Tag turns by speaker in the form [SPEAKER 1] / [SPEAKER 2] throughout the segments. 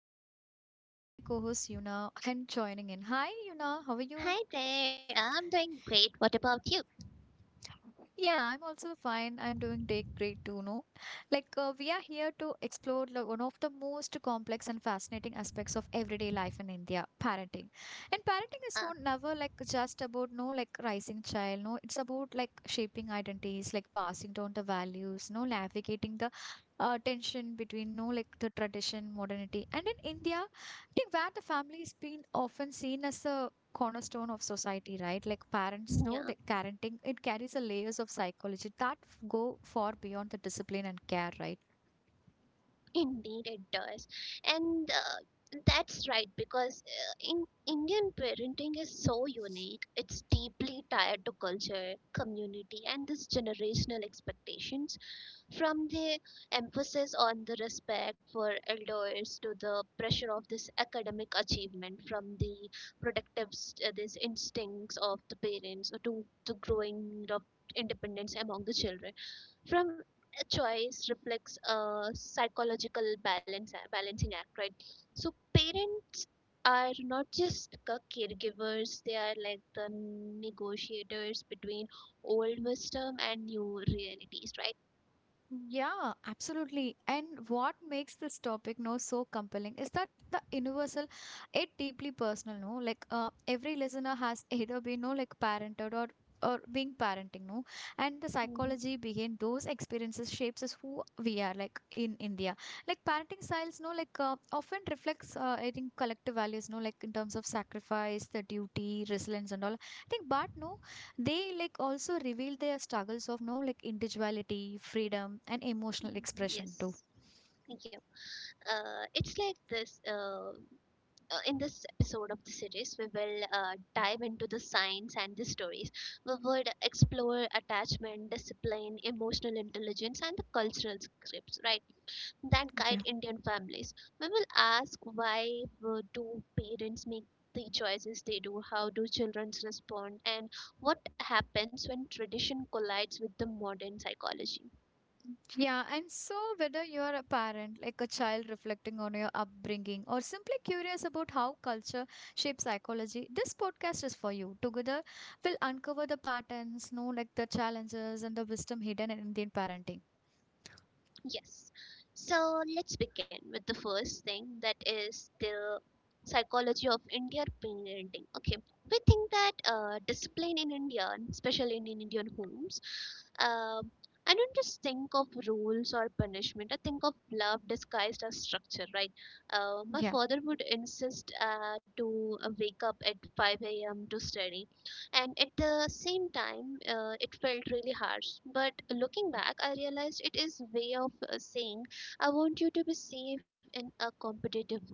[SPEAKER 1] Danu, together with me, my co host Yuna, and joining in. Hi, Yuna, how are you?
[SPEAKER 2] Hi there, I'm doing great. What about you?
[SPEAKER 1] Yeah, I'm also fine. I'm doing day great too, no? We are here to explore one of the most complex and fascinating aspects of everyday life in India, parenting. And parenting is so
[SPEAKER 2] Uh,
[SPEAKER 1] never like just about, no, like raising child, no? It's about like shaping identities, like passing down the values, no, navigating the tension between, no, like the tradition, modernity. And in India, I think where the family is being often seen as a cornerstone of society, right? Like parents know that
[SPEAKER 2] yeah,
[SPEAKER 1] parenting, it carries a layers of psychology that go far beyond the discipline and care, right?
[SPEAKER 2] indeed it does. And that's right, because in Indian parenting is so unique. It's deeply tied to culture, community, and this generational expectations. From the emphasis on the respect for elders to the pressure of this academic achievement, from the protective these instincts of the parents to the growing of independence among the children, from a choice reflects a psychological balance balancing act, right? So parents are not just caregivers; they are like the negotiators between old wisdom and new realities, right?
[SPEAKER 1] Yeah, absolutely. And what makes this topic now so compelling is that the universal, it deeply personal, no? Like every listener has either been, no, like parented or being parenting, no? And the
[SPEAKER 2] Hmm.
[SPEAKER 1] psychology behind those experiences shapes us who we are, like in India. Like parenting styles, no, like often reflects, I think, collective values, no, like in terms of sacrifice, the duty, resilience, and all. I think, but no, they like also reveal their struggles of no like individuality, freedom and emotional expression too.
[SPEAKER 2] Yes. It's like this. In this episode of the series, we will dive into the science and the stories. We would explore attachment, discipline, emotional intelligence, and the cultural scripts, right, that
[SPEAKER 1] Yeah
[SPEAKER 2] guide Indian families. We will ask why do parents make the choices they do, how do children respond, and what happens when tradition collides with the modern psychology.
[SPEAKER 1] Yeah, and so whether you're a parent, like a child reflecting on your upbringing, or simply curious about how culture shapes psychology, this podcast is for you. Together, we'll uncover the patterns, know like the challenges and the wisdom hidden in Indian parenting.
[SPEAKER 2] Yes. So let's begin with the first thing, that is the psychology of Indian parenting. Okay, we think that discipline in India, especially in Indian homes, uh, I don't just think of rules or punishment. I think of love disguised as structure, right? My
[SPEAKER 1] Yeah.
[SPEAKER 2] father would insist to wake up at 5 a.m. to study, and at the same time it felt really harsh, but looking back, I realized it is way of saying, I want you to be safe in a competitive world.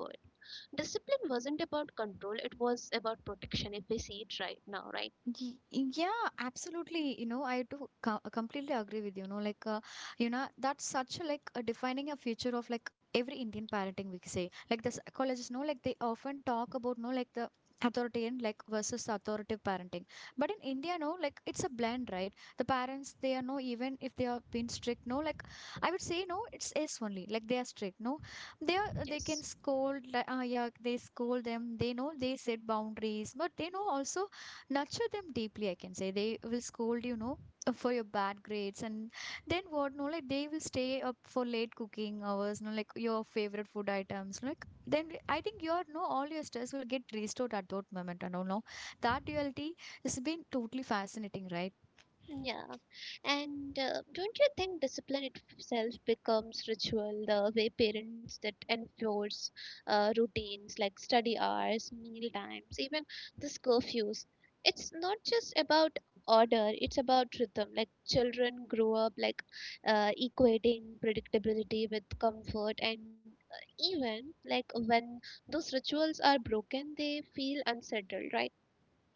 [SPEAKER 2] Discipline wasn't about control; it was about protection, if we see it right now, right?
[SPEAKER 1] Yeah, absolutely. You know, I do completely agree with you. You know, like, you know, that's such a, like a defining a future of like every Indian parenting, we say. Like the psychologists know, like they often talk about, no, like the authoritarian like versus authoritative parenting. But in India, no, like it's a blend, right? The parents, they are no, even if they are being strict, no, like I would say, no, it's S only. Like they are strict, no, they are they
[SPEAKER 2] Yes.
[SPEAKER 1] can scold, like, yeah, they scold them. They know they set boundaries, but they know also nurture them deeply, I can say. They will scold, you know, for your bad grades, and then what, no, like they will stay up for late cooking hours, no, like your favorite food items. Like then I think your no all your stress will get restored at that moment and all, no, that duality has been totally fascinating, right?
[SPEAKER 2] Yeah, and don't you think discipline itself becomes ritual, the way parents that enforce routines like study hours, meal times, even this curfews? It's not just about order, it's about rhythm. Like children grow up like equating predictability with comfort, and even like when those rituals are broken, they feel unsettled, right?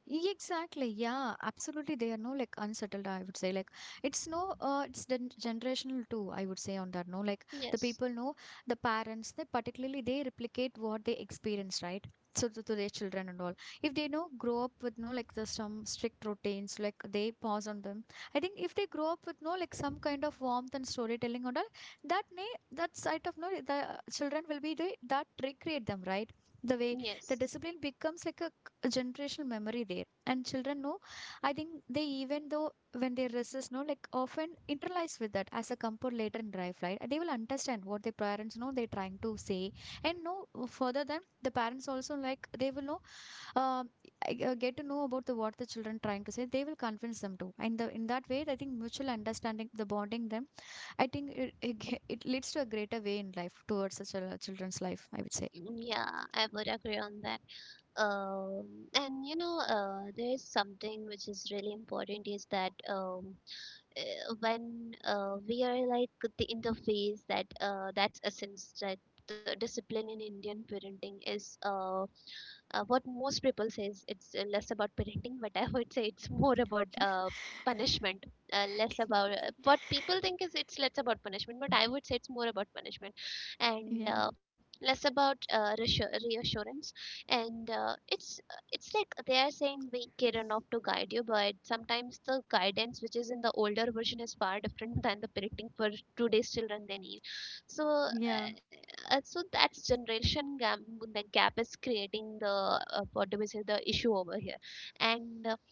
[SPEAKER 1] Exactly. Yeah, absolutely. They are no like unsettled, I would say. Like it's no it's generational too, I would say on that. No, like the
[SPEAKER 2] Yes,
[SPEAKER 1] people know the parents, they particularly they replicate what they experience, right? So to their children and all. If they know grow up with no like the some strict routines, like they pause on them. I think if they grow up with no like some kind of warmth and storytelling and all, that may that side of no the children will be the that recreate them, right? The way the
[SPEAKER 2] yes.
[SPEAKER 1] discipline becomes like a generational memory there, and children know I think they even though when they resist no like often internalize with that as a comfort later in life, right? They will understand what their parents know they're trying to say. And know further than the parents also like they will know uh, get to know about the what the children trying to say. They will convince them to, and the, in that way I think mutual understanding, the bonding them, I think it leads to a greater way in life towards the children's life, I would say.
[SPEAKER 2] Mm, yeah, I would agree on that. Um, and there is something which is really important is that, when we are like the interface that that's essence, that the discipline in Indian parenting is, what most people says, it's less about parenting, but I would say it's more about punishment. Less about what people think is, it's less about punishment, but I would say it's more about punishment, and
[SPEAKER 1] Yeah,
[SPEAKER 2] less about reassurance. And it's like they are saying be kid enough to guide you, but sometimes the guidance which is in the older version is far different than the parenting for today's children they need. so uh,
[SPEAKER 1] yeah,
[SPEAKER 2] uh, so that's generation gap. The gap is creating the, what do we say, the issue over here. And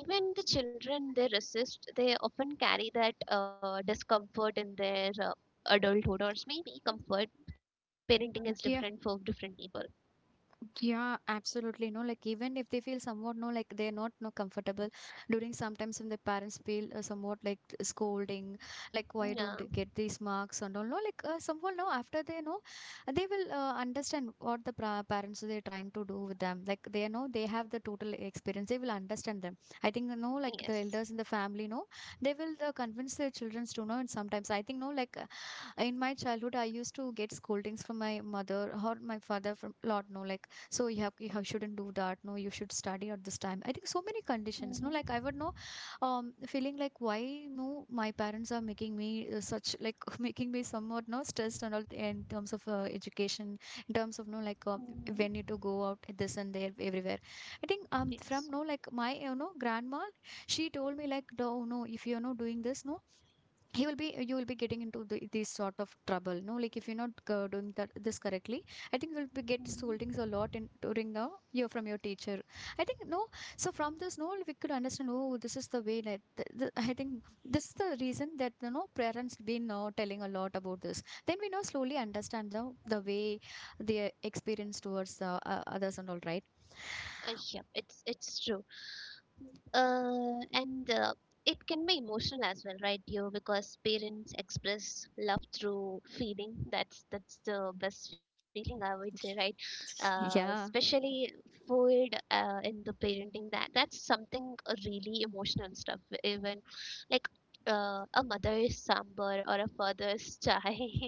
[SPEAKER 2] even the children, they resist, they often carry that discomfort in their adulthood, or maybe comfort. Parenting is different for
[SPEAKER 1] yeah.
[SPEAKER 2] different people.
[SPEAKER 1] Yeah, absolutely. No, like even if they feel somewhat no, like they're not no comfortable during sometimes when the parents feel somewhat like scolding, like why
[SPEAKER 2] Yeah.
[SPEAKER 1] don't you get these marks and all. No, like somehow no after they know, they will understand what the pra parents they're trying to do with them. Like they know they have the total experience. They will understand them. I think no, like the
[SPEAKER 2] Yes.
[SPEAKER 1] elders in the family know they will convince their children to know. And sometimes I think no, like in my childhood I used to get scoldings from my mother or my father from lot no like so you shouldn't do that no you should study at this time. I think so many conditions,
[SPEAKER 2] Mhm.
[SPEAKER 1] no, like I would know feeling like why no my parents are making me such like making me somewhat no stressed and all in terms of education, in terms of no like
[SPEAKER 2] Mhm.
[SPEAKER 1] when you to go out this and there everywhere. I think
[SPEAKER 2] Yes.
[SPEAKER 1] from no like my you know grandma, she told me like no no if you're not doing this no he will be you will be getting into this sort of trouble, no, like if you're not doing that this correctly, I think you'll be get
[SPEAKER 2] Mhm.
[SPEAKER 1] scoldings a lot in during the year from your teacher. I think no. So from this, no, we could understand. Oh, this is the way. Like I think this is the reason that you know parents been telling a lot about this. Then we now slowly understand the way their experience towards the others and all, right?
[SPEAKER 2] Yeah, it's true. And it can be emotional as well, right, Dio? Because parents express love through feeling. That's the best feeling I would say, right?
[SPEAKER 1] Yeah.
[SPEAKER 2] Especially food in the parenting. That's something really emotional stuff. Even like a mother's sambar or a father's chai.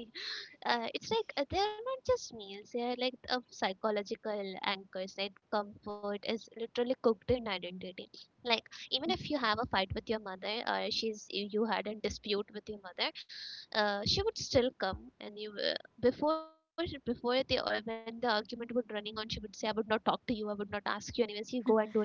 [SPEAKER 2] It's like they are not just meals; they are like psychological anchors. Like comfort is literally cooked in identity. Like even if you have a fight with your mother, or she's you you had a dispute with your mother, she would still come, and you before before the or when the argument would running on, she would say, I would not talk to you, I would not ask you, anyways you go and do anything.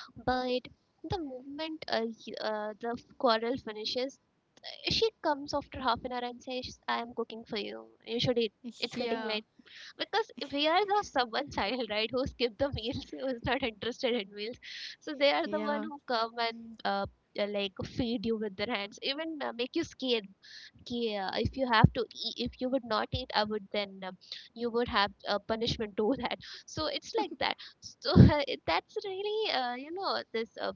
[SPEAKER 2] But the moment, the quarrel finishes, she comes after half an hour and says, I am cooking for you, you should eat, it's getting
[SPEAKER 1] Yeah.
[SPEAKER 2] late. Because we are the someone child, right, who skip the meals, who is not interested in meals. So they are the one
[SPEAKER 1] Yeah.
[SPEAKER 2] who come and like feed you with their hands, even make you scared. Yeah, if you have to eat, if you would not eat, I would then, you would have a punishment to that. So it's like that. So that's really, you know this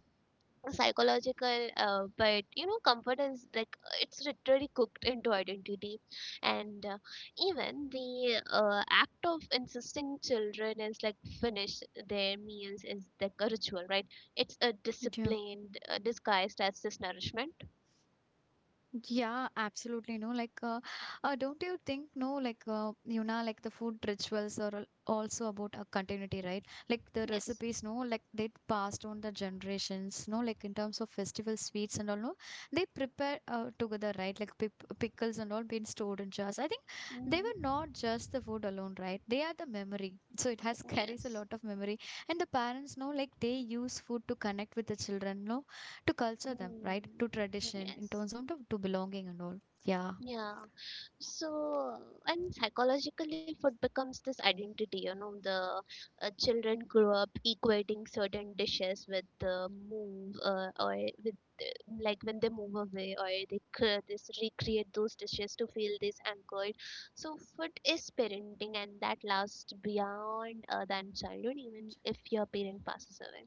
[SPEAKER 2] psychological, but comfort is like, it's literally cooked into identity, and even the act of insisting children is like finish their meals is like a ritual, right? It's a
[SPEAKER 1] Yeah.
[SPEAKER 2] discipline disguised as this nourishment.
[SPEAKER 1] Yeah, absolutely. No, don't you think, no, like, you know, like the food rituals are also about a continuity, right? Like the
[SPEAKER 2] Yes.
[SPEAKER 1] recipes, no, like they passed on the generations, no, like in terms of festival sweets and all, no, they prepare together, right? Like pickles and all being stored in jars. I think they were
[SPEAKER 2] Mhm.
[SPEAKER 1] not just the food alone, right? They are the memory. So it has carries a
[SPEAKER 2] Yes.
[SPEAKER 1] lot of memory. And the parents no, like, they use food to connect with the children, no? To culture them, right?
[SPEAKER 2] Hmm.
[SPEAKER 1] To tradition in
[SPEAKER 2] Yes.
[SPEAKER 1] terms of to belonging and all. Yeah.
[SPEAKER 2] Yeah. So, and psychologically, food becomes this identity. You know, the children grew up equating certain dishes with the move, or with the- like when they move away, or they cre- this recreate those dishes to feel this anchored. So, food is parenting, and that lasts beyond than childhood, even if your parent passes away.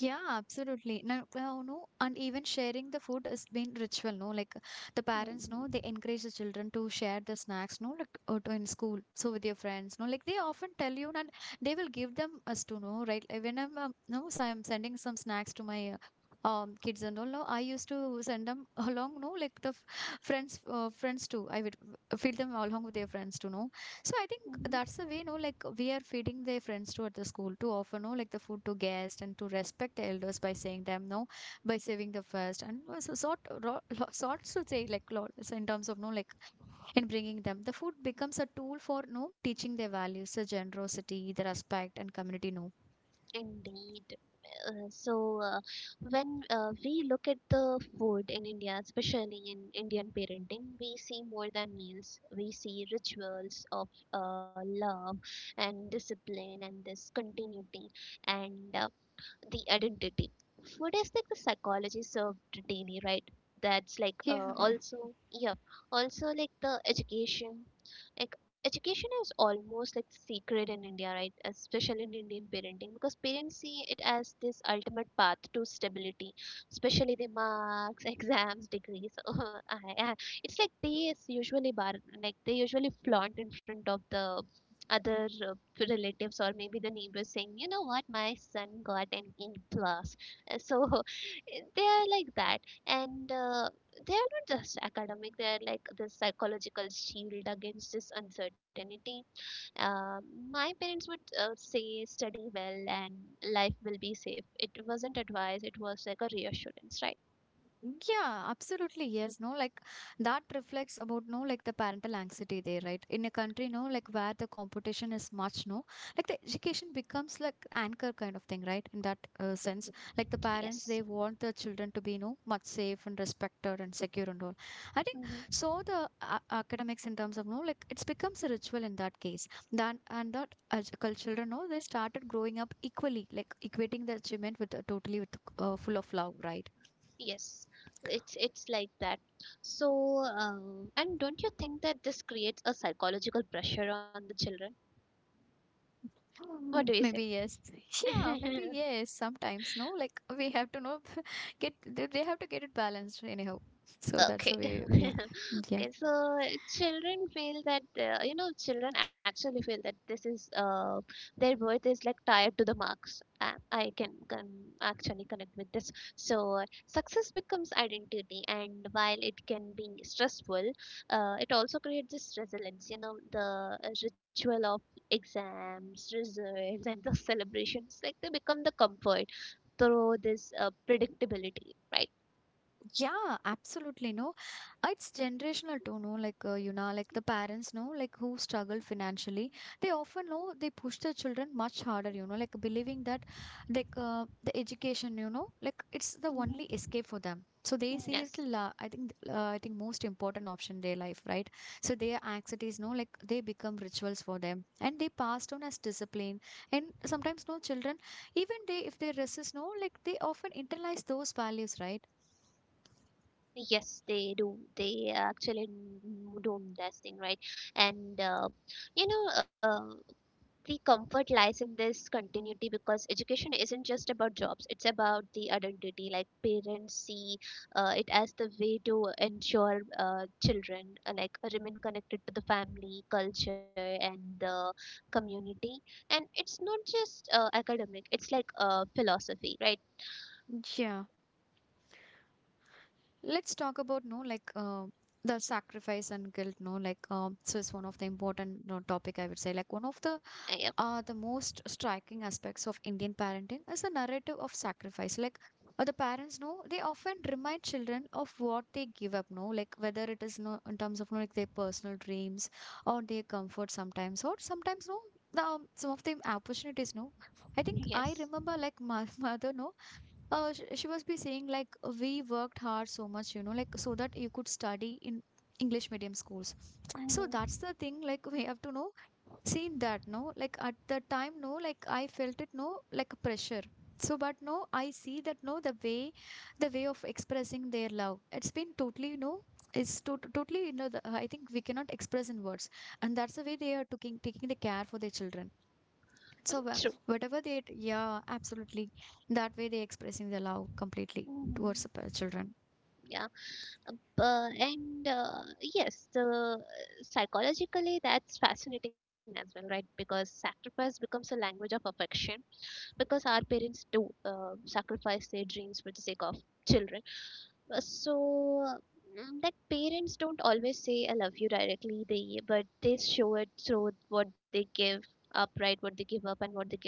[SPEAKER 1] Yeah, absolutely. Now, well, no, and even sharing the food has been ritual, no? Like the parents,
[SPEAKER 2] Mm-hmm.
[SPEAKER 1] no, they encourage the children to share the snacks, no, like or to in school. So with your friends, no, like they often tell you, and they will give them us to know, right? Like, when I'm, no, so I'm sending some snacks to my kids and all, no, I used to send them along, no, like the friends too. I would feed them along with their friends too, no. So I think that's the way, no, like we are feeding their friends to at the school, to offer, no, like the food to guests and to respect the elders by saying them, no, by saving the first and also sort, ro, sorts to say like lots in terms of no, like in bringing them, the food becomes a tool for no teaching their values, the generosity, the respect and community, no.
[SPEAKER 2] Indeed. So, when we look at the food in India, especially in Indian parenting, we see more than meals. We see rituals of love and discipline and this continuity. And the identity. Food is like the psychology served daily, right? That's like
[SPEAKER 1] Yeah, yeah.
[SPEAKER 2] also, yep. Also like the education. Like education is almost like sacred in India, right? Especially in Indian parenting, because parents see it as this ultimate path to stability, especially the marks, exams, degrees. Oh, it's like they is usually bar like they usually flaunt in front of the other, to relatives or maybe the neighbors, saying, you know what, my son got an A plus. So they are like that, and they are not just academic. They are like this psychological shield against this uncertainty. Uh, my parents would say, study well and life will be safe. It wasn't advice. It was like a reassurance, right?
[SPEAKER 1] Yeah, absolutely. Yes, no, like that reflects about no, like the parental anxiety there, right? In a country, no, like where the competition is much, no, like the education becomes like anchor kind of thing, right? In that sense, like the parents,
[SPEAKER 2] Yes.
[SPEAKER 1] they want the children to be, no, much safe and respected and secure and all. I think
[SPEAKER 2] Mm-hmm.
[SPEAKER 1] so. The a academics, in terms of no, like it's becomes a ritual in that case. Then and that educal children, no, they started growing up equally, like equating the achievement with totally with full of love, right?
[SPEAKER 2] Yes, it's like that. So, and don't you think that this creates a psychological pressure on the children? What do
[SPEAKER 1] Mm,
[SPEAKER 2] you say?
[SPEAKER 1] maybe yes. Yeah, maybe yes. Sometimes no, like we have to know, get they have to get it balanced anyhow. So that's
[SPEAKER 2] Okay.
[SPEAKER 1] the way. Yeah, yeah.
[SPEAKER 2] Okay, so children actually feel that this is, their worth is like tied to the marks. I can actually connect with this. So success becomes identity, and while it can be stressful, it also creates this resilience. You know the ritual of exams, results, and the celebrations, like they become the comfort through this predictability, right?
[SPEAKER 1] Yeah, absolutely. No, it's generational too. No, like you know, like the parents, no, like who struggle financially, they often know they push their children much harder. You know, like believing that, like the education, you know, like it's the only
[SPEAKER 2] Mm-hmm.
[SPEAKER 1] escape for them. So they see it.
[SPEAKER 2] Yes.
[SPEAKER 1] I think, I think most important option in their life, right? So their anxieties, no, like they become rituals for them, and they pass down as discipline. And sometimes, no, children, even they, if they resist, no, like they often internalize those values, right?
[SPEAKER 2] Yes, they do. They actually do investing, right? And you know, uh, the comfort lies in this continuity, because education isn't just about jobs; it's about the identity. Like parents see it as the way to ensure children like remain connected to the family, culture, and the community. And it's not just academic; it's like philosophy, right?
[SPEAKER 1] Yeah, let's talk about no like the sacrifice and guilt. No, like so it's one of the important no, topic I would say. Like one of
[SPEAKER 2] Yep.
[SPEAKER 1] the most striking aspects of Indian parenting is the narrative of sacrifice. Like the parents know, they often remind children of what they give up. No, like Whether it is in terms of no like their personal dreams or their comfort sometimes, or some of the opportunities, no. I think I
[SPEAKER 2] Yes.
[SPEAKER 1] remember like my mother, no, she must be saying like we worked hard so much so that you could study in English medium schools. So
[SPEAKER 2] Mm-hmm.
[SPEAKER 1] that's the thing, like we have to know seen that no like at the time, no like I felt it no like a pressure. So but I see that no the way, the way of expressing their love, it's been totally no it's totally, I think we cannot express in words, and that's the way they are taking the care for their children. So
[SPEAKER 2] True.
[SPEAKER 1] whatever they, yeah absolutely, that way they expressing their love completely towards the
[SPEAKER 2] Mm-hmm.
[SPEAKER 1] children.
[SPEAKER 2] Yeah, bu- and yes, the, psychologically that's fascinating as well, right? Because sacrifice becomes a language of affection, because our parents do sacrifice their dreams for the sake of children. So that parents don't always say "I love you" directly, they but they show it through what they give up, right? What they give up and what they give.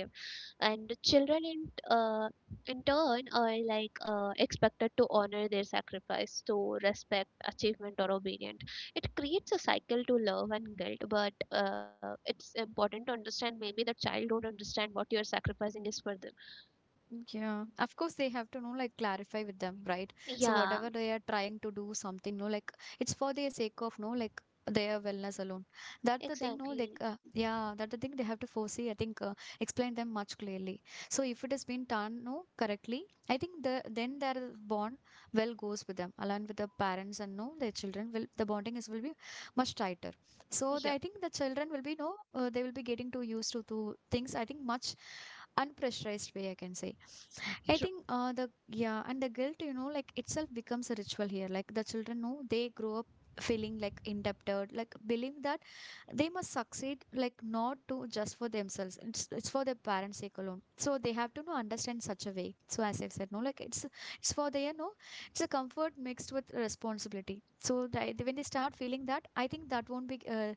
[SPEAKER 2] And children in uh, in turn are like expected to honor their sacrifice, to respect achievement or obedience. It creates a cycle to love and guilt. But it's important to understand, maybe the child don't understand what you're sacrificing is for them.
[SPEAKER 1] Yeah, of course they have to know like clarify with them, right? So
[SPEAKER 2] Yeah,
[SPEAKER 1] whatever they are trying to do something, no, like it's for their sake of no, like their wellness alone. That the thing, no, like
[SPEAKER 2] exactly.
[SPEAKER 1] yeah, that the thing they have to foresee. I think explain them much clearly. So if it has been done no correctly, I think then their bond well goes with them along with the parents, and no their children will the bonding is will be much tighter. So I
[SPEAKER 2] Yep.
[SPEAKER 1] think the children will be no they will be getting too used to things, I think, much unpressurized way, I can say. I
[SPEAKER 2] True.
[SPEAKER 1] think the Yeah, and the guilt, itself becomes a ritual here. Like the children know they grow up feeling like indebted, like believe that they must succeed, like not to just for themselves, it's for their parents' sake alone. So they have to know understand such a way. So as I've said, no like it's for their no it's a comfort mixed with responsibility. So when they start feeling that, I think that won't be uh,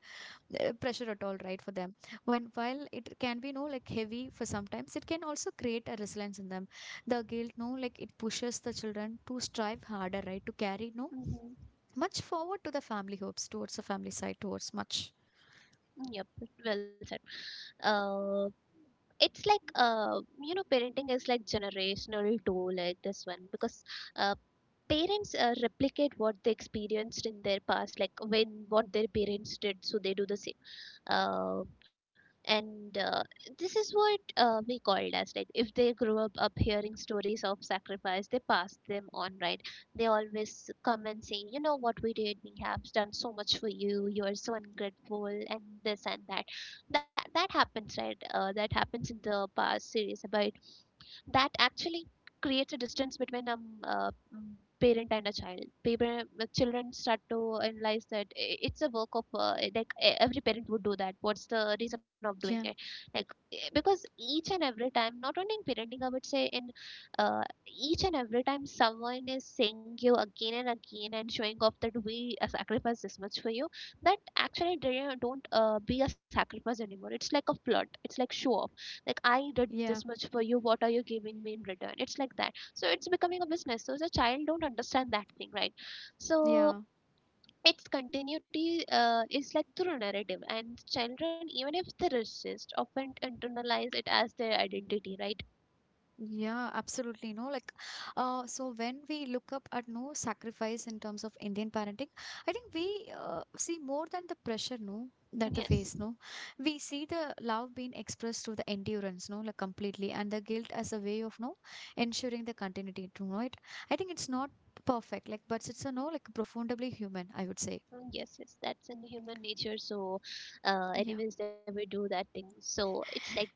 [SPEAKER 1] uh, pressure at all, right, for them. When While it can be no like heavy for sometimes, it can also create a resilience in them. The guilt, no like it pushes the children to strive harder, right, to carry no
[SPEAKER 2] Mhm.
[SPEAKER 1] much forward to the family hopes, towards the family side, towards much.
[SPEAKER 2] Yep, well said. Uh, it's like, parenting is like generational too, like this one, because uh, parents replicate what they experienced in their past, like when what their parents did, so they do the same. Uh, and this is what we called as, like if they grew up hearing stories of sacrifice, they pass them on, right? They always come and say, you know what we did, we have done so much for you, you're so ungrateful, and this and that. That happens, right? That happens in the past series about that actually creates a distance between a parent and a child. People, the children start to analyze that it's a work of like every parent would do that. What's the reason of doing it?
[SPEAKER 1] Yeah,
[SPEAKER 2] Like because each and every time, not only in parenting, I would say in uh, each and every time someone is saying you again and again and showing off that we sacrifice this much for you, that actually they don't be a sacrifice anymore. It's like a plot, it's like show off, like I did
[SPEAKER 1] yeah.
[SPEAKER 2] this much for you, what are you giving me in return? It's like that, so it's becoming a business, so the child don't understand that thing, right? So
[SPEAKER 1] Yeah,
[SPEAKER 2] its continuity is like through narrative, and children, even if they resist, often internalize it as their identity, right?
[SPEAKER 1] yeah, absolutely. No, like, So when we look up at no sacrifice in terms of Indian parenting, I think we see more than the pressure, that they face,
[SPEAKER 2] Yes.
[SPEAKER 1] no. We see the love being expressed through the endurance, no, like completely, and the guilt as a way of no ensuring the continuity to know it. I think it's not perfect, like, but it's a no, like, profoundly human, I would say.
[SPEAKER 2] Mm, yes, yes, that's in human nature. So,
[SPEAKER 1] Yeah.
[SPEAKER 2] animals never do that thing. So it's like that.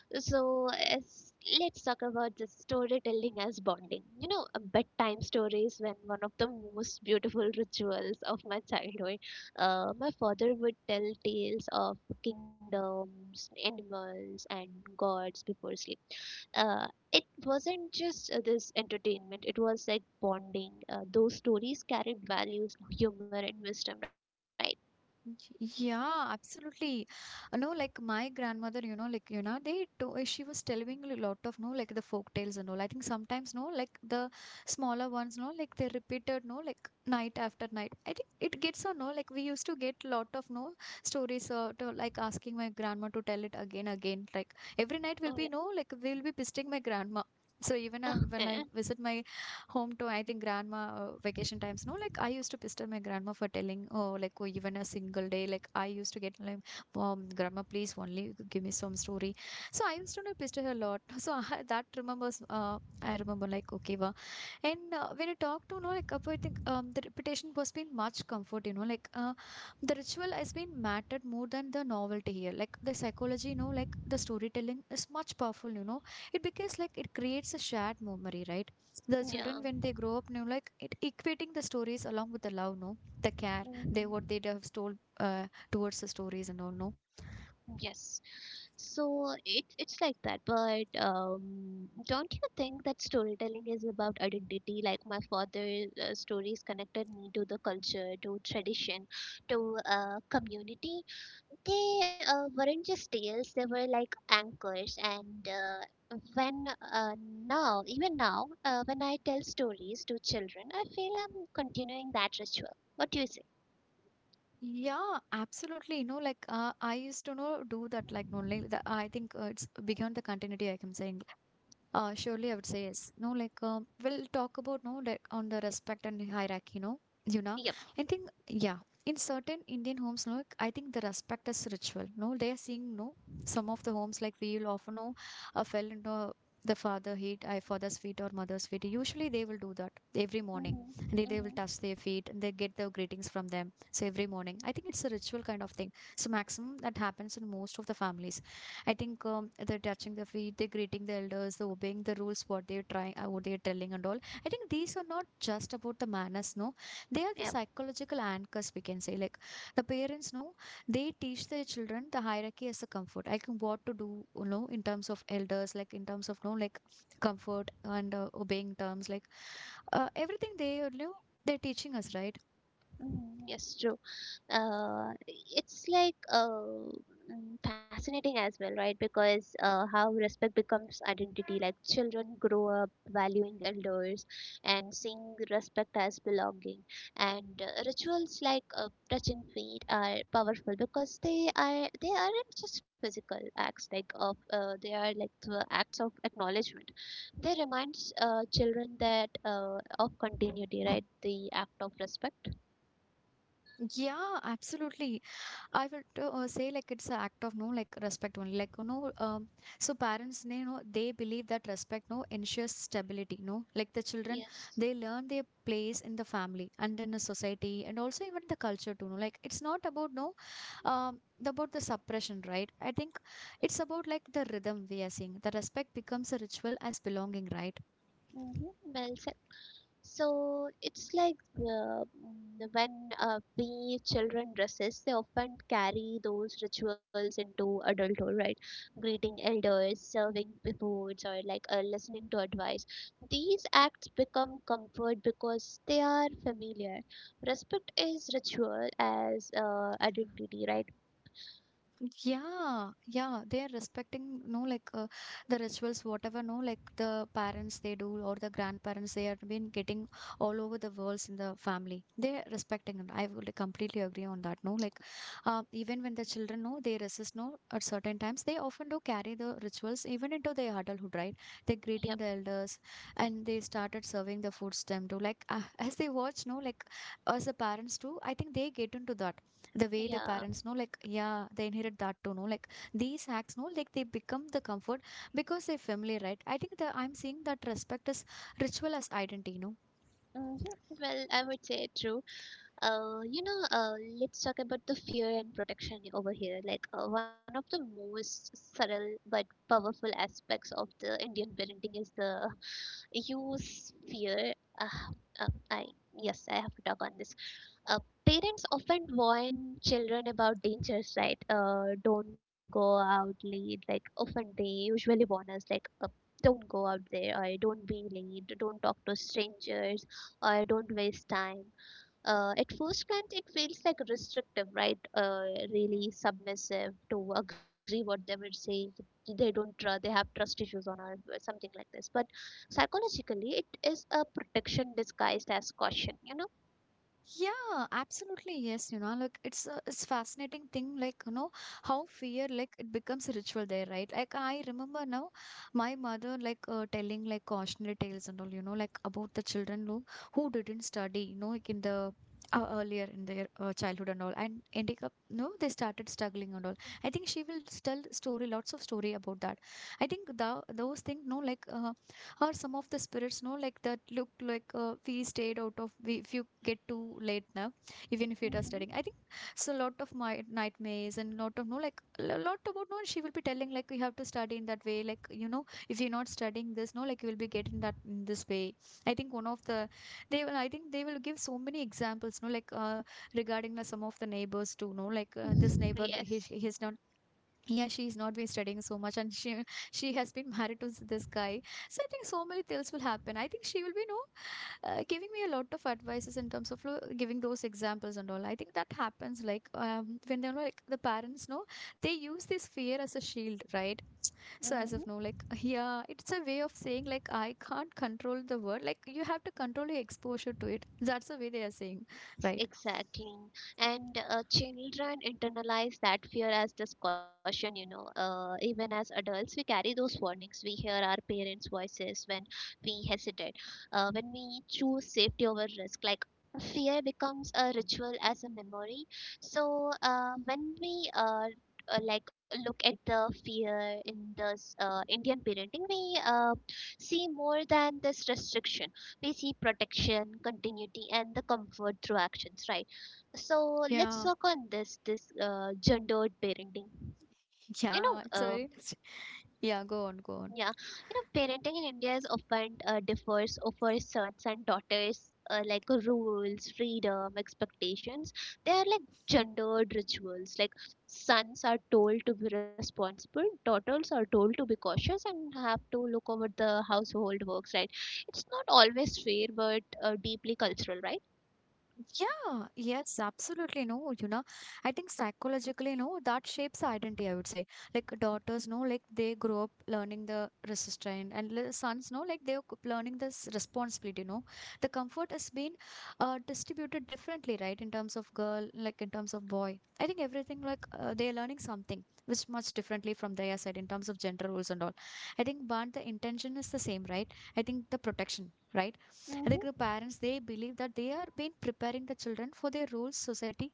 [SPEAKER 2] So as, let's talk about the storytelling as bonding. You know, bedtime stories when one of the most beautiful rituals of my childhood. My father would tell tales of kingdoms, animals, and gods before sleep. Uh, it wasn't just this entertainment. It was like bonding. Those stories carried values, humor, and wisdom, right?
[SPEAKER 1] Yeah, absolutely. No, like my grandmother, they, to she was telling a lot of, no, like the folk tales and all. I think sometimes, no, like the smaller ones, they repeated, no, like night after night. I think it gets, so no, like we used to get lot of, no, stories, like asking my grandma to tell it again, again. Like every
[SPEAKER 2] Oh,
[SPEAKER 1] night
[SPEAKER 2] yeah.
[SPEAKER 1] will be, no, like we'll be visiting my grandma. So even
[SPEAKER 2] Okay.
[SPEAKER 1] when I visit my home to, I think, grandma vacation times. No, like I used to pester my grandma for telling, oh, like oh, even a single day. Like I used to get like, grandma, please only give me some story. So I used to, pester her a lot. So I that remembers. I remember like okay, and when you talk to, about, I think the repetition was been much comfort, the ritual has been mattered more than the novelty here. Like the psychology, the storytelling is much powerful, you know. It because like it creates a shared memory, right? The
[SPEAKER 2] Yeah.
[SPEAKER 1] children, when they grow up, it equating the stories along with the love, no, the care, they what
[SPEAKER 2] Mhm.
[SPEAKER 1] they have told towards the stories and all, no.
[SPEAKER 2] Yes. So it, it's like that, but don't you think that storytelling is about identity? Like my father's stories connected me to the culture, to tradition, to community. They weren't just tales; they were like anchors. And when now, even now, when I tell stories to children, I feel I'm continuing that ritual. What do you say?
[SPEAKER 1] Yeah, absolutely. I used to know do that, like no, like the, I think it's beyond the continuity, I can say. Surely I would say yes. No, like We'll talk about no like on the respect and hierarchy. No, you know,
[SPEAKER 2] Yep.
[SPEAKER 1] I think yeah. In certain Indian homes, no, like, I think the respect is ritual. No, They are seeing no some of the homes like we'll often know fell into the father hate I father's feet or mother's feet. Usually they will do that every morning, and
[SPEAKER 2] Mm-hmm.
[SPEAKER 1] they will
[SPEAKER 2] Mm-hmm.
[SPEAKER 1] touch their feet and they get their greetings from them. So every morning, I think it's a ritual kind of thing. So maximum that happens in most of the families. I think the touching the feet, the greeting the elders, the obeying the rules, what they're trying, what they're telling, and all. I think these are not just about the manners, no. They are the
[SPEAKER 2] Yep.
[SPEAKER 1] psychological anchors, we can say. Like the parents, no, they teach their children the hierarchy as a comfort. I can what to do, you know, in terms of elders, like in terms of, no, like comfort and obeying terms, like everything they, you know, they're teaching us, right?
[SPEAKER 2] Mm, yes, true. It's like fascinating as well, right? Because how respect becomes identity. Like children grow up valuing elders and seeing respect as belonging. And rituals like touching feet are powerful because they aren't just physical acts. Like of they are like the acts of acknowledgement. They reminds children that of continuity, right? The act of respect.
[SPEAKER 1] Yeah, absolutely. I would say like it's an act of no like respect only, like, you know, so parents, you know, they believe that respect ensures stability, no like the children,
[SPEAKER 2] Yes.
[SPEAKER 1] they learn their place in the family and in the society, and also even the culture too, it's not about no the- about the suppression, right? I think it's about like the rhythm. We are seeing the respect becomes a ritual as belonging, right?
[SPEAKER 2] Mm-hmm. Well said. So it's like when we children dresses, they often carry those rituals into adulthood, right? Greeting elders, serving the foods, or like listening to advice. These acts become comfort because they are familiar. Respect is ritual as identity, right?
[SPEAKER 1] Yeah, yeah, they are respecting, no, like the rituals, whatever, no, like the parents they do, or the grandparents they are been getting all over the worlds in the family. They are respecting it. I would completely agree on that. No, like Even when the children know they resist, no, at certain times they often do carry the rituals even into their adulthood, right? They're
[SPEAKER 2] Yep.
[SPEAKER 1] greeting the elders, and they started serving the foods them too. Like as they watch, no, like as the parents do. I think they get into that, the way the
[SPEAKER 2] Yeah.
[SPEAKER 1] parents know like yeah, they inherit that too, know like these hacks, know like they become the comfort because they're familiar, right? I think that I'm seeing that respect as ritual as identity, you know.
[SPEAKER 2] Mm-hmm. Well, I would say true. Uh, you know, uh, let's talk about the fear and protection over here. Like one of the most subtle but powerful aspects of the Indian parenting is the use fear. Uh, I yes, I have to talk on this. Uh, parents often warn children about dangers, right? Don't go out late. Like often they usually warn us, like. Don't go out there, or don't be late, don't talk to strangers, or don't waste time. At first glance, it feels like restrictive, right? Really submissive to agree what they will say. They don't trust. They have trust issues on her, or something like this. But psychologically, it is a protection disguised as caution. You know.
[SPEAKER 1] Yeah, absolutely. Yes, you know, like, it's fascinating thing, like, you know, how fear like it becomes a ritual there, right? Like I remember now, my mother like telling like cautionary tales and all, you know, like about the children who didn't study, you know, like in the earlier in their childhood and all, and ending up, no, they started struggling and all. I think she will tell story, lots of story about that. I think the those things, no, like or some of the spirits, no like that look like, we stayed out of if you get too late now, even if it are studying.
[SPEAKER 2] Hmm.
[SPEAKER 1] I think it's a lot of my nightmares, and lot of, no like a lot about, no she will be telling like, you have to study in that way, like, you know, if you're not studying this, no like you will be getting that in this way. I think one of the they will I think they will give so many examples, no like regarding some of the neighbors too, no like this
[SPEAKER 2] Mhm.
[SPEAKER 1] neighbor,
[SPEAKER 2] Yes.
[SPEAKER 1] he has not, yeah, she's not been studying so much, and she has been married to this guy. So I think so many things will happen. I think she will be no giving me a lot of advices in terms of giving those examples and all. I think that happens, like, when they're like the parents know they use this fear as a shield, right? So
[SPEAKER 2] Mhm.
[SPEAKER 1] as of now, like, yeah, it's a way of saying like, I can't control the word, like, you have to control your exposure to it. That's the way they are saying, right?
[SPEAKER 2] Exactly. And children internalize that fear as discussion, you know. Even as adults, we carry those warnings. We hear our parents' voices when we hesitate, when we choose safety over risk. Like fear becomes a ritual as a memory. So when we like look at the fear in this Indian parenting, we see more than this restriction. We see protection, continuity, and the comfort through actions, right? So let's
[SPEAKER 1] Yeah,
[SPEAKER 2] talk on this gendered parenting, you know.
[SPEAKER 1] yeah, it's a very, yeah, go on, go
[SPEAKER 2] Yeah,
[SPEAKER 1] on.
[SPEAKER 2] you know, parenting in India is often differs over sons and daughters. Like rules, freedom, expectations. They are like gendered rituals. Like sons are told to be responsible, daughters are told to be cautious and have to look over the household works, right? It's not always fair, but deeply cultural, right?
[SPEAKER 1] Yeah, yes, absolutely. No, you know, I think psychologically, no, that shapes the identity, I would say. Like daughters, no, like they grow up learning the resistance, and sons, no, like they're learning this responsibility, no. The comfort has been distributed differently, right? In terms of girl, like in terms of boy. I think everything, like they're learning something which much differently from their side in terms of gender roles and all. I think, but the intention is the same, right? I think the protection, right? Like the
[SPEAKER 2] Mm-hmm.
[SPEAKER 1] parents, they believe that they are been preparing the children for their roles society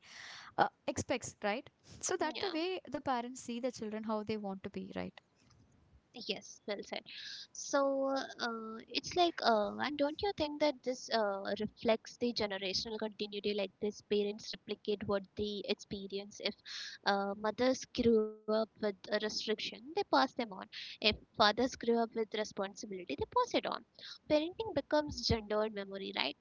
[SPEAKER 1] expects, right? So that the
[SPEAKER 2] Yeah.
[SPEAKER 1] way the parents see the children how they want to be, right?
[SPEAKER 2] Yes, well said. So it's like, and don't you think that this reflects the generational continuity? Like this, parents replicate what they experience. If mothers grew up with a restriction, they pass them on. If fathers grew up with responsibility, they pass it on. Parenting becomes gendered memory, right?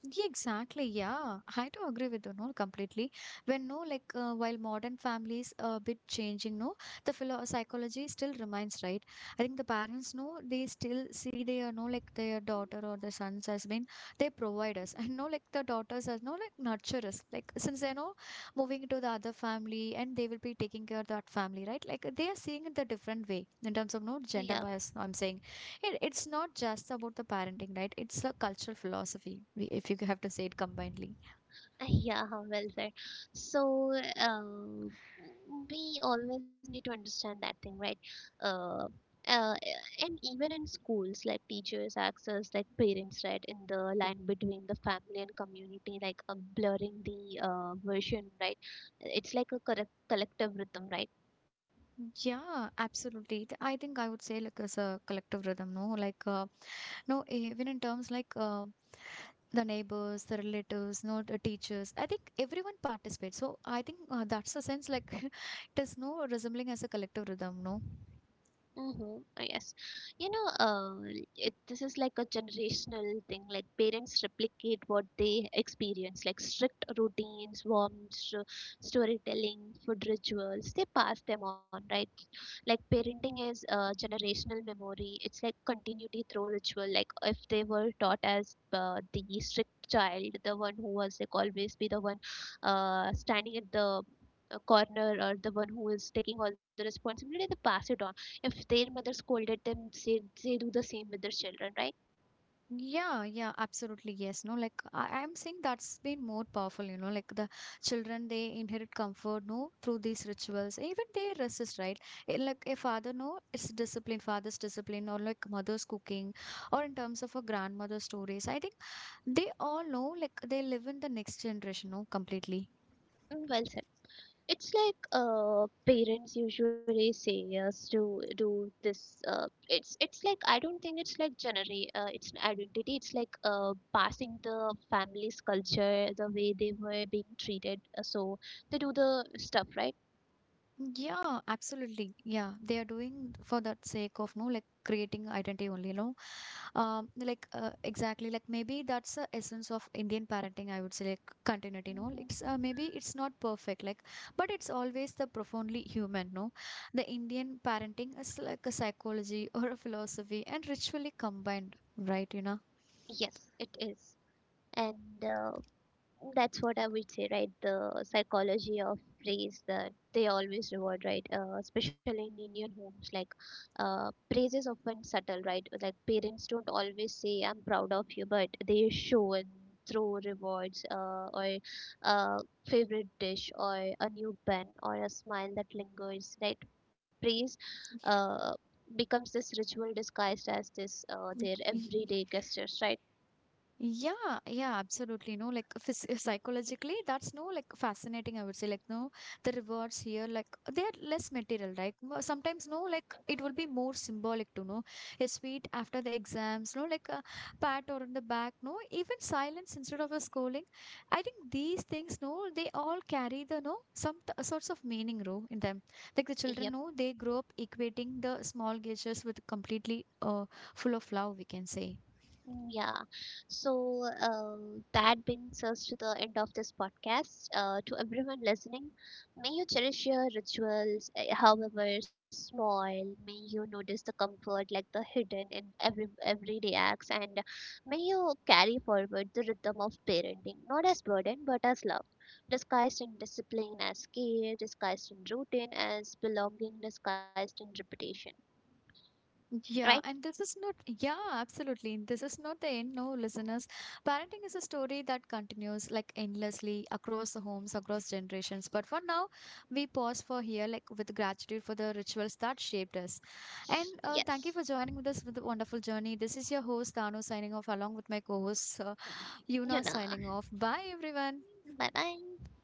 [SPEAKER 1] Yeah, exactly. Yeah, I do agree with you, no, completely. When no, like while modern families a bit changing, no, the philo psychology still remains, right? I think the parents, no, they still see their, no, like their daughter or the sons as been they provide us, and no, like the daughters as no, like nurture us, like since they know moving to the other family and they will be taking care of that family, right? Like they are seeing it the different way in terms of no
[SPEAKER 2] Yeah.
[SPEAKER 1] gender bias, I'm saying. It's not just about the parenting, right? It's a cultural philosophy, if you have to say it combinedly.
[SPEAKER 2] Yeah, well said. So, um, we always need to understand that thing, right? Uh, uh, and even in schools, like teachers acts as like parents, right? In the line between the family and community, like blurring the version, right? It's like a correct collective rhythm, right?
[SPEAKER 1] Yeah, absolutely. I think I would say like as a collective rhythm, no? Like, no, even in terms like the neighbors, the relatives, no, the teachers. I think everyone participates. So I think that's the sense like it is no resembling as a collective rhythm, no?
[SPEAKER 2] Mm-hmm. Oh, yes. You know, it, this is like a generational thing. Like parents replicate what they experience, like strict routines, warm storytelling, food rituals. They pass them on, right? Like parenting is a generational memory. It's like continuity through ritual. Like if they were taught as the strict child, the one who was like always be the one standing at the corner, or the one who is taking all the responsibility, they pass it on. If their mother scolded them, say they do the same with their children, right?
[SPEAKER 1] Yeah, yeah, absolutely. Yes. No, like I'm saying that's been more powerful, you know, like the children, they inherit comfort, no, through these rituals. Even they resist, right? Like a father, no, it's discipline, father's discipline, or like mother's cooking, or in terms of a grandmother's stories. I think they all know, like they live in the next generation, no, completely.
[SPEAKER 2] Mm, well said. It's like parents usually say us to do this. It's like I don't think it's like genera it's an identity. It's like passing the family's culture, the way they were being treated. So they do the stuff, right?
[SPEAKER 1] Yeah, absolutely. Yeah, they are doing for that sake of no, like creating identity only, you know. Exactly, like maybe that's the essence of Indian parenting. I would say like continuity, no. It's
[SPEAKER 2] Hmm.
[SPEAKER 1] maybe it's not perfect, like, but it's always the profoundly human, no. The Indian parenting is like a psychology or a philosophy and ritually combined, right? You know.
[SPEAKER 2] Yes, it is. And that's what I would say, right? The psychology of praise that they always reward, right? Especially in Indian homes, like praise is often subtle, right? Like parents don't always say, "I'm proud of you," but they show and through rewards, or uh, favorite dish, or a new pen, or a smile that lingers, right? Praise uh, becomes this ritual disguised as this their everyday gestures, right?
[SPEAKER 1] Yeah, yeah, absolutely. No, like phys psychologically, that's no like fascinating. I would say like no, the rewards here like they are less material, right? Sometimes no, like it will be more symbolic to know a sweet after the exams, no, like a pat or on the back, no, even silence instead of a scolding. I think these things, no, they all carry the no some t sorts of meaning, no, in them. Like the
[SPEAKER 2] Yeah.
[SPEAKER 1] children, no, they grow up equating the small gestures with completely full of love, we can say.
[SPEAKER 2] Mm, yeah. So that brings us to the end of this podcast. To everyone listening, may you cherish your rituals, however small. May you notice the comfort, like the hidden in every everyday acts, and may you carry forward the rhythm of parenting, not as burden but as love, disguised in discipline as care, disguised in routine as belonging, disguised in reputation. Right?
[SPEAKER 1] Yeah, and this is not, yeah, absolutely. This is not the end, no, listeners. Parenting is a story that continues like endlessly across the homes, across generations. But for now, we pause for here, like with gratitude for the rituals that shaped us. And
[SPEAKER 2] Yes.
[SPEAKER 1] thank you for joining with us with the wonderful journey. This is your host, Tanu, signing off along with my co host,
[SPEAKER 2] You
[SPEAKER 1] Yuna,
[SPEAKER 2] know.
[SPEAKER 1] signing off. Bye, everyone.
[SPEAKER 2] Bye bye.